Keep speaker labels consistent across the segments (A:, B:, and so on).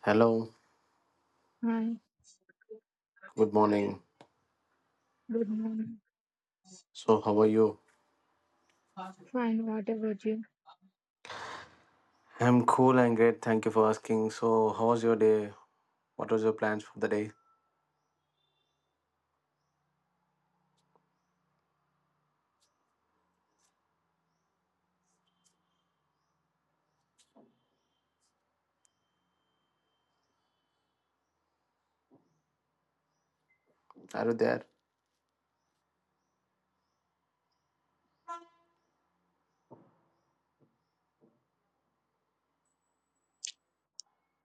A: Hello,
B: Hi,
A: good morning.
B: good morning.
A: So, how are you?
B: Fine, what about you?
A: I'm cool and great. Thank you for asking. So, how was your day? What was your plans for the day? Are you there?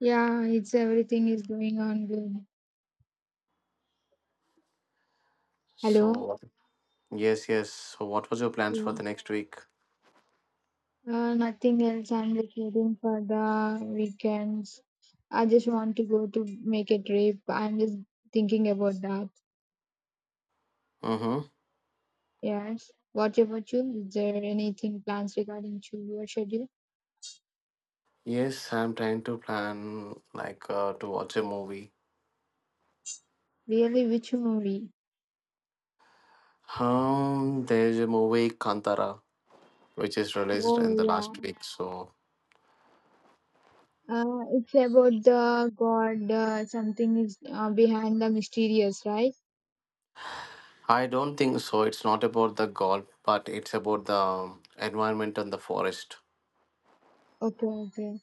B: Yeah, it's everything is going on good. Hello?
A: So, yes, yes. So, what was your plans for
B: Yeah.
A: the next week?
B: Nothing else. I'm just waiting for the weekends. I just want to go to make a trip. I'm just thinking about that.
A: Mm-hmm.
B: Yes. What about you? Is there anything plans regarding to your schedule?
A: Yes, I'm trying to plan like to watch a movie.
B: Really, which movie?
A: There's a movie Kantara, which is released
B: Oh
A: in the last
B: yeah.
A: week. So,
B: It's about the god. Something is behind the mysterious, right?
A: I don't think so. It's not about the golf, but it's about the environment and the forest.
B: Okay, okay.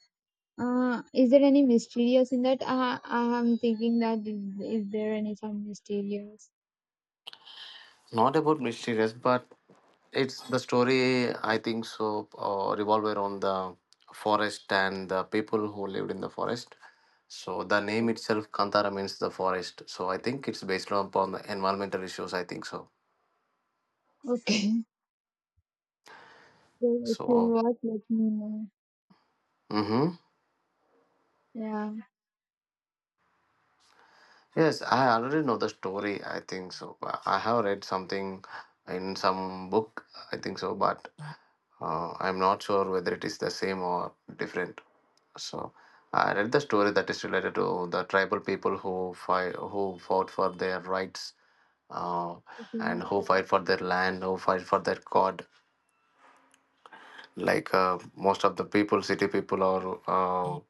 B: Is there any mysterious in that? I'm thinking is there any some mysterious?
A: Not about mysterious, but it's the story, I think so, revolve around the forest and the people who lived in the forest. So the name
B: So,
A: itself, Kantara, means the forest. So I think it's based upon the environmental issues. I think so.
B: okay. So if you
A: So.
B: watch, let me know.
A: Mhm.
B: Yeah.
A: Yes, I already know the story. I think so. I have read something in some book. I think so, but I'm not sure whether it is the same or different. So I read the story that is related to the tribal people who fought for their rights, uh,
B: Okay.
A: and who fight for their land, who fight for their god. Like most of the people, city people or uh,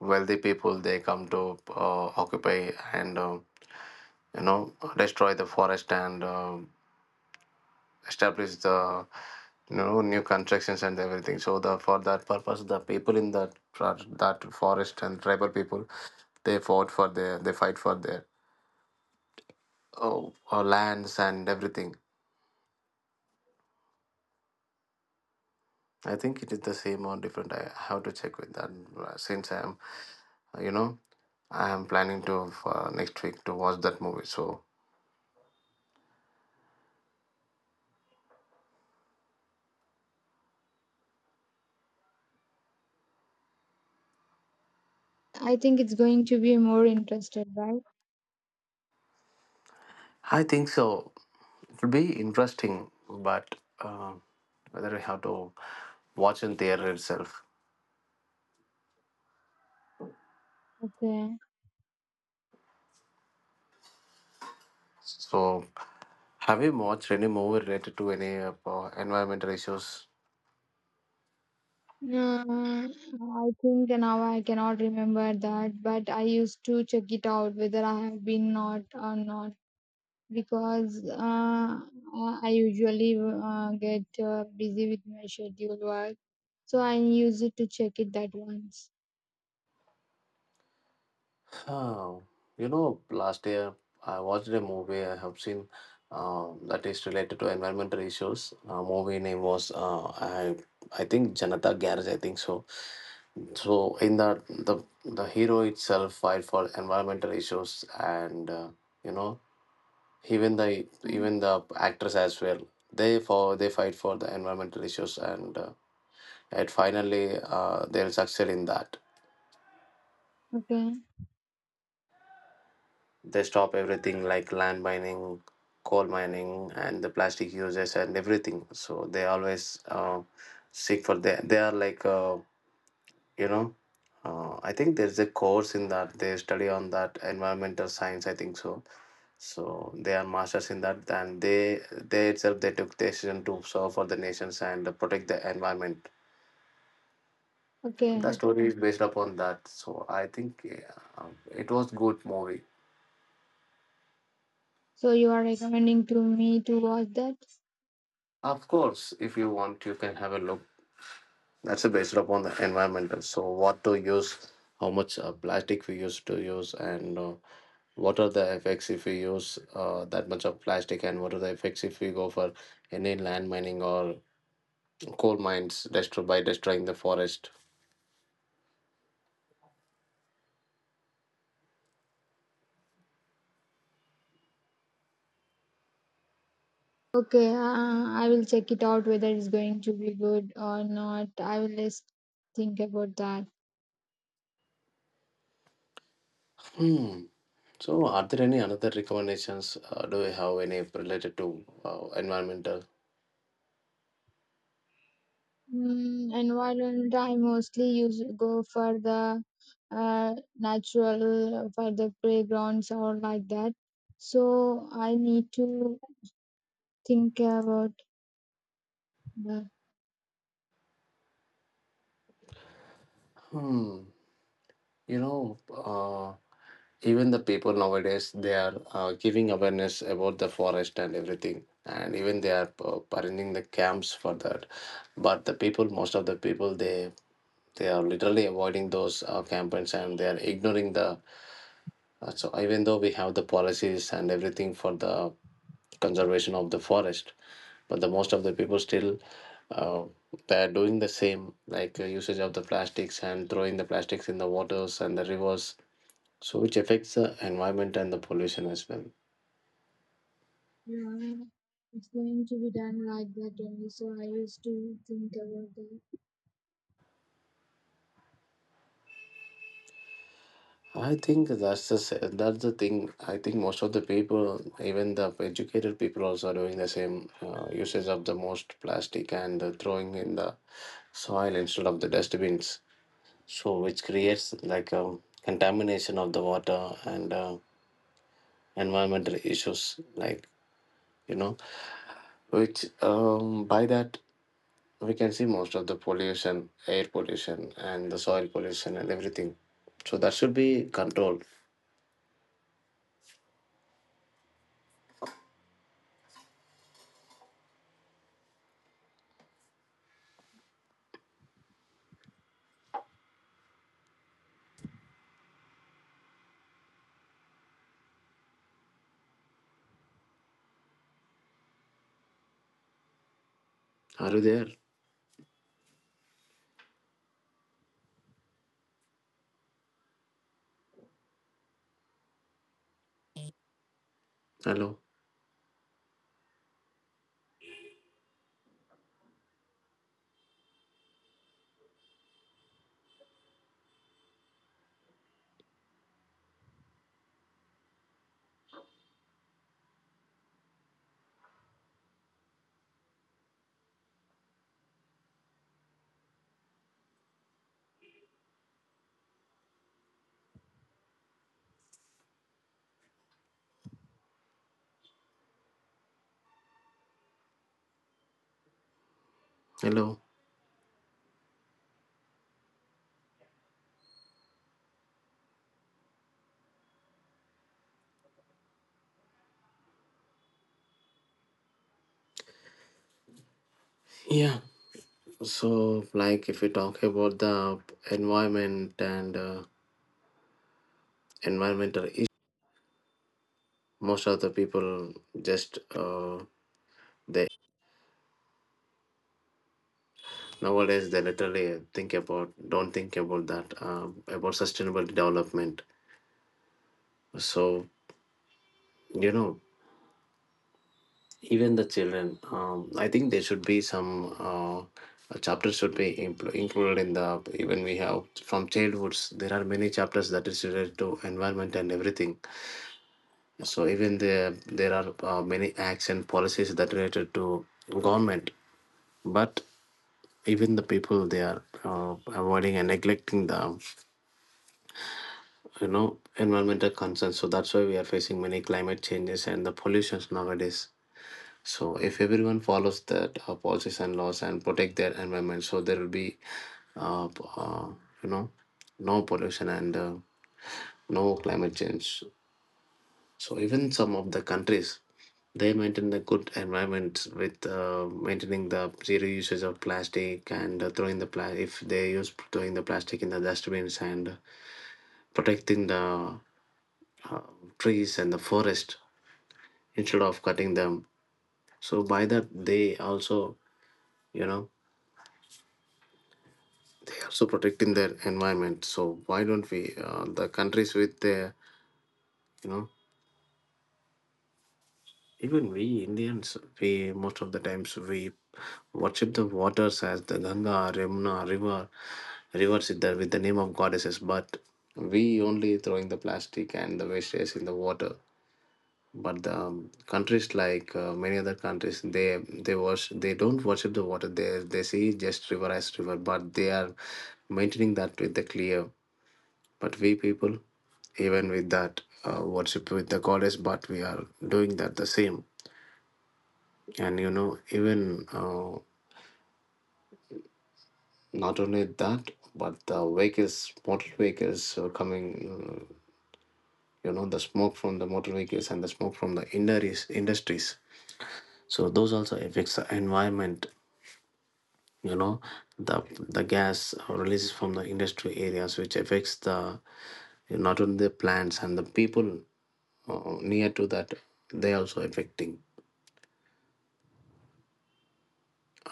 A: wealthy people, they come to occupy and. You know destroy the forest and establish the new constructions and everything, so the for that purpose the people in that that forest and tribal people, they fight for their oh, lands and everything. I think it is the same or different. I have to check with that, since you know I am planning to, next week to watch that movie. So
B: I think it's going to be more interested, right?
A: I think so, it will be interesting, but whether I have to watch in theater itself.
B: Okay.
A: So, have you watched any movie related to any environmental issues?
B: I think now I cannot remember that, but I used to check it out whether I have been not or not. Because I usually get busy with my scheduled work, so I use it to check it that once.
A: Oh, last year I watched a movie, I have seen that is related to environmental issues. Movie name was, I think Janata Garage. I think so. So in that, the hero itself fight for environmental issues, and you know even the
B: Mm.
A: even the actress as well. They fight for the environmental issues and and finally, they'll succeed in that.
B: Okay,
A: They stop everything like land mining, coal mining, and the plastic uses and everything. So they always seek for they. They are like you know. I think there's a course in that they study on that environmental science. I think so. So they are masters in that, and they itself they took decision to serve for the nations and protect the environment. The
B: okay.
A: story is based upon that. So I think, yeah, it was good movie.
B: So you are recommending to me to watch that?
A: Of course, if you want, you can have a look. That's based upon the environmental. So, what to use, how much plastic we use to use, and what are the effects if we use that much of plastic, and what are the effects if we go for any land mining or coal mines destroy by destroying the forest.
B: Okay, I will check it out whether it's going to be good or not. I will just think about that.
A: Hmm. So, are there any other recommendations? Do we have any related to environmental?
B: Mm, environment I mostly use go for the natural for the playgrounds or like that. So I need to think about the
A: Hmm. You know, uh, Even the people nowadays they are giving awareness about the forest and everything, and even they are arranging the camps for that, but the people most of the people, they are literally avoiding those campaigns, and they are ignoring the, so even though we have the policies and everything for the conservation of the forest, but the most of the people still, uh, they are doing the same, like usage of the plastics and throwing the plastics in the waters and the rivers, so which affects the environment and the pollution as well.
B: yeah, it's going to be done like that only. So I used to think about the
A: I think that's the thing. I think most of the people, even the educated people, also are doing the same, usage of the most plastic and throwing in the soil instead of the dustbins, so which creates like a contamination of the water and environmental issues, you know which, by that we can see most of the pollution, air pollution, and the soil pollution and everything. So that should be controlled. Are you there? Hello, hello. Yeah. So, like, if we talk about the environment and environmental issues, most of the people just, they nowadays they literally think about don't think about that, about sustainable development. So, you know even the children, I think there should be some chapters should be included in the. Even we have from childhoods there are many chapters that is related to environment and everything, so even there are many acts and policies that related to government. But even the people, they are avoiding and neglecting the, environmental concerns, so that's why we are facing many climate changes and the pollutions nowadays. So if everyone follows that policies and laws and protect their environment, so there will be, uh, p- uh, you know, no pollution and no climate change. So even some of the countries, they maintain the good environment with maintaining the zero usage of plastic and throwing the if they use throwing the plastic in the dustbins and protecting the trees and the forest instead of cutting them. So by that they also, you know also protecting their environment. So why don't we, the countries with the, you know, even we Indians, we most of the times we worship the waters as the Ganga, Yamuna, rivers with the name of goddesses, but we only throwing the plastic and the wastes in the water. But the countries like many other countries, they worship, they don't worship the water. They see just river as river, but they are maintaining that with the clear. But we people, even with that, worship with the goddess, but we are doing that the same. And, even not only that, but the vehicles, motor vehicles are coming, the smoke from the motor vehicles and the smoke from the industries. So those also affects the environment. You know, the gas releases from the industry areas, which affects the not only the plants and the people near to that, they also affecting.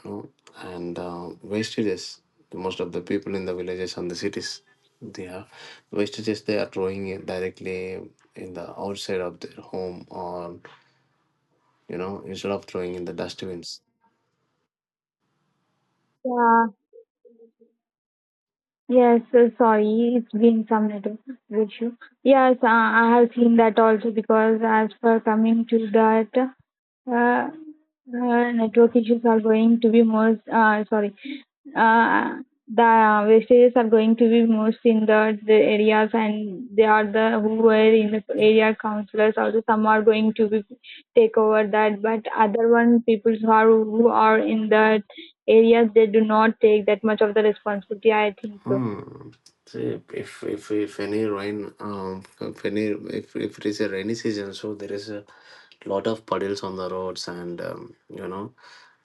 A: Know, and wastages. Most of the people in the villages and the cities, they are wastages. They are throwing it directly in the outside of their home, or, instead of throwing in the dustbins.
B: yeah. Yes, sorry, it's been some little issue. Yes, I have seen that also because as per coming to that Uh, network issues are going to be most, sorry, uh, the wastages are going to be most in the areas, and they are the who were in the area councillors also some are going to be take over that, but other one people who are in that areas, they do not take that much of the responsibility, I think so.
A: Hmm. So if any rain, if any, if it is a rainy season, so there is a lot of puddles on the roads and, um, you know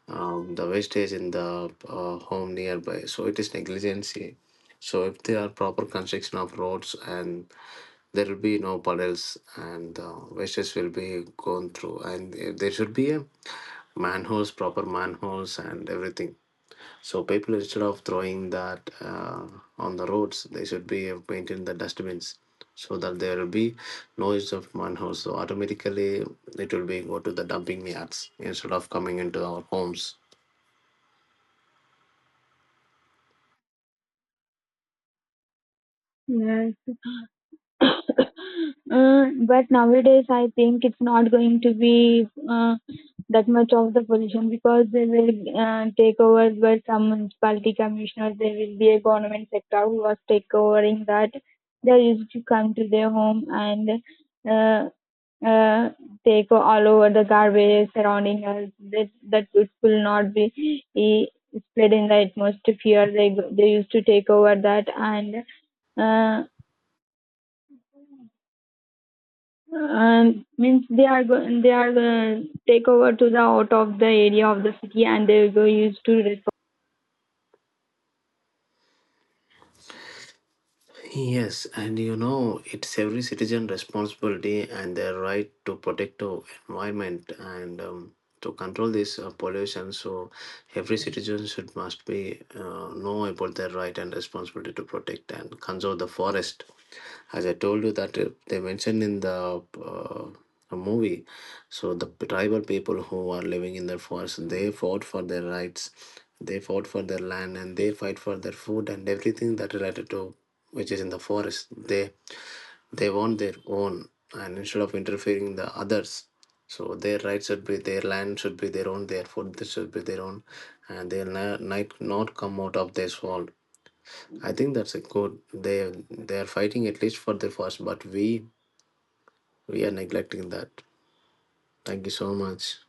A: um, the wastage in the home nearby. So it is negligency. So if there are proper construction of roads and there will be no puddles and wastes will be gone through, and there should be a manholes, proper manholes and everything. So people instead of throwing that on the roads, they should be have maintained the dustbins so that there will be noise of manholes. So automatically it will be go to the dumping yards instead of coming into our homes.
B: Yeah. uh, but nowadays I think it's not going to be that much of the pollution because they will take over by some municipality commissioners. There will be a government sector who was take overing that. They used to come to their home and uh, uh, take all over the garbage surrounding us. That it will not be eh, spread in the atmosphere. They used to take over that and. Uh, Means they are take over to the out of the area of the city, and they go used to refer.
A: Yes, and it's every citizen responsibility and their right to protect our environment and, to control this pollution. So every citizen should must be know about their right and responsibility to protect and conserve the forest. As I told you that, they mentioned in the, a movie, so the tribal people who are living in the forest, they fought for their rights, they fought for their land, and they fight for their food and everything that related to which is in the forest. They want their own, and instead of interfering the others, so their rights should be, their land should be their own, their food should be their own, and they'll not, not come out of this world. I think that's a good. They are fighting at least for the first, but we are neglecting that. Thank you so much.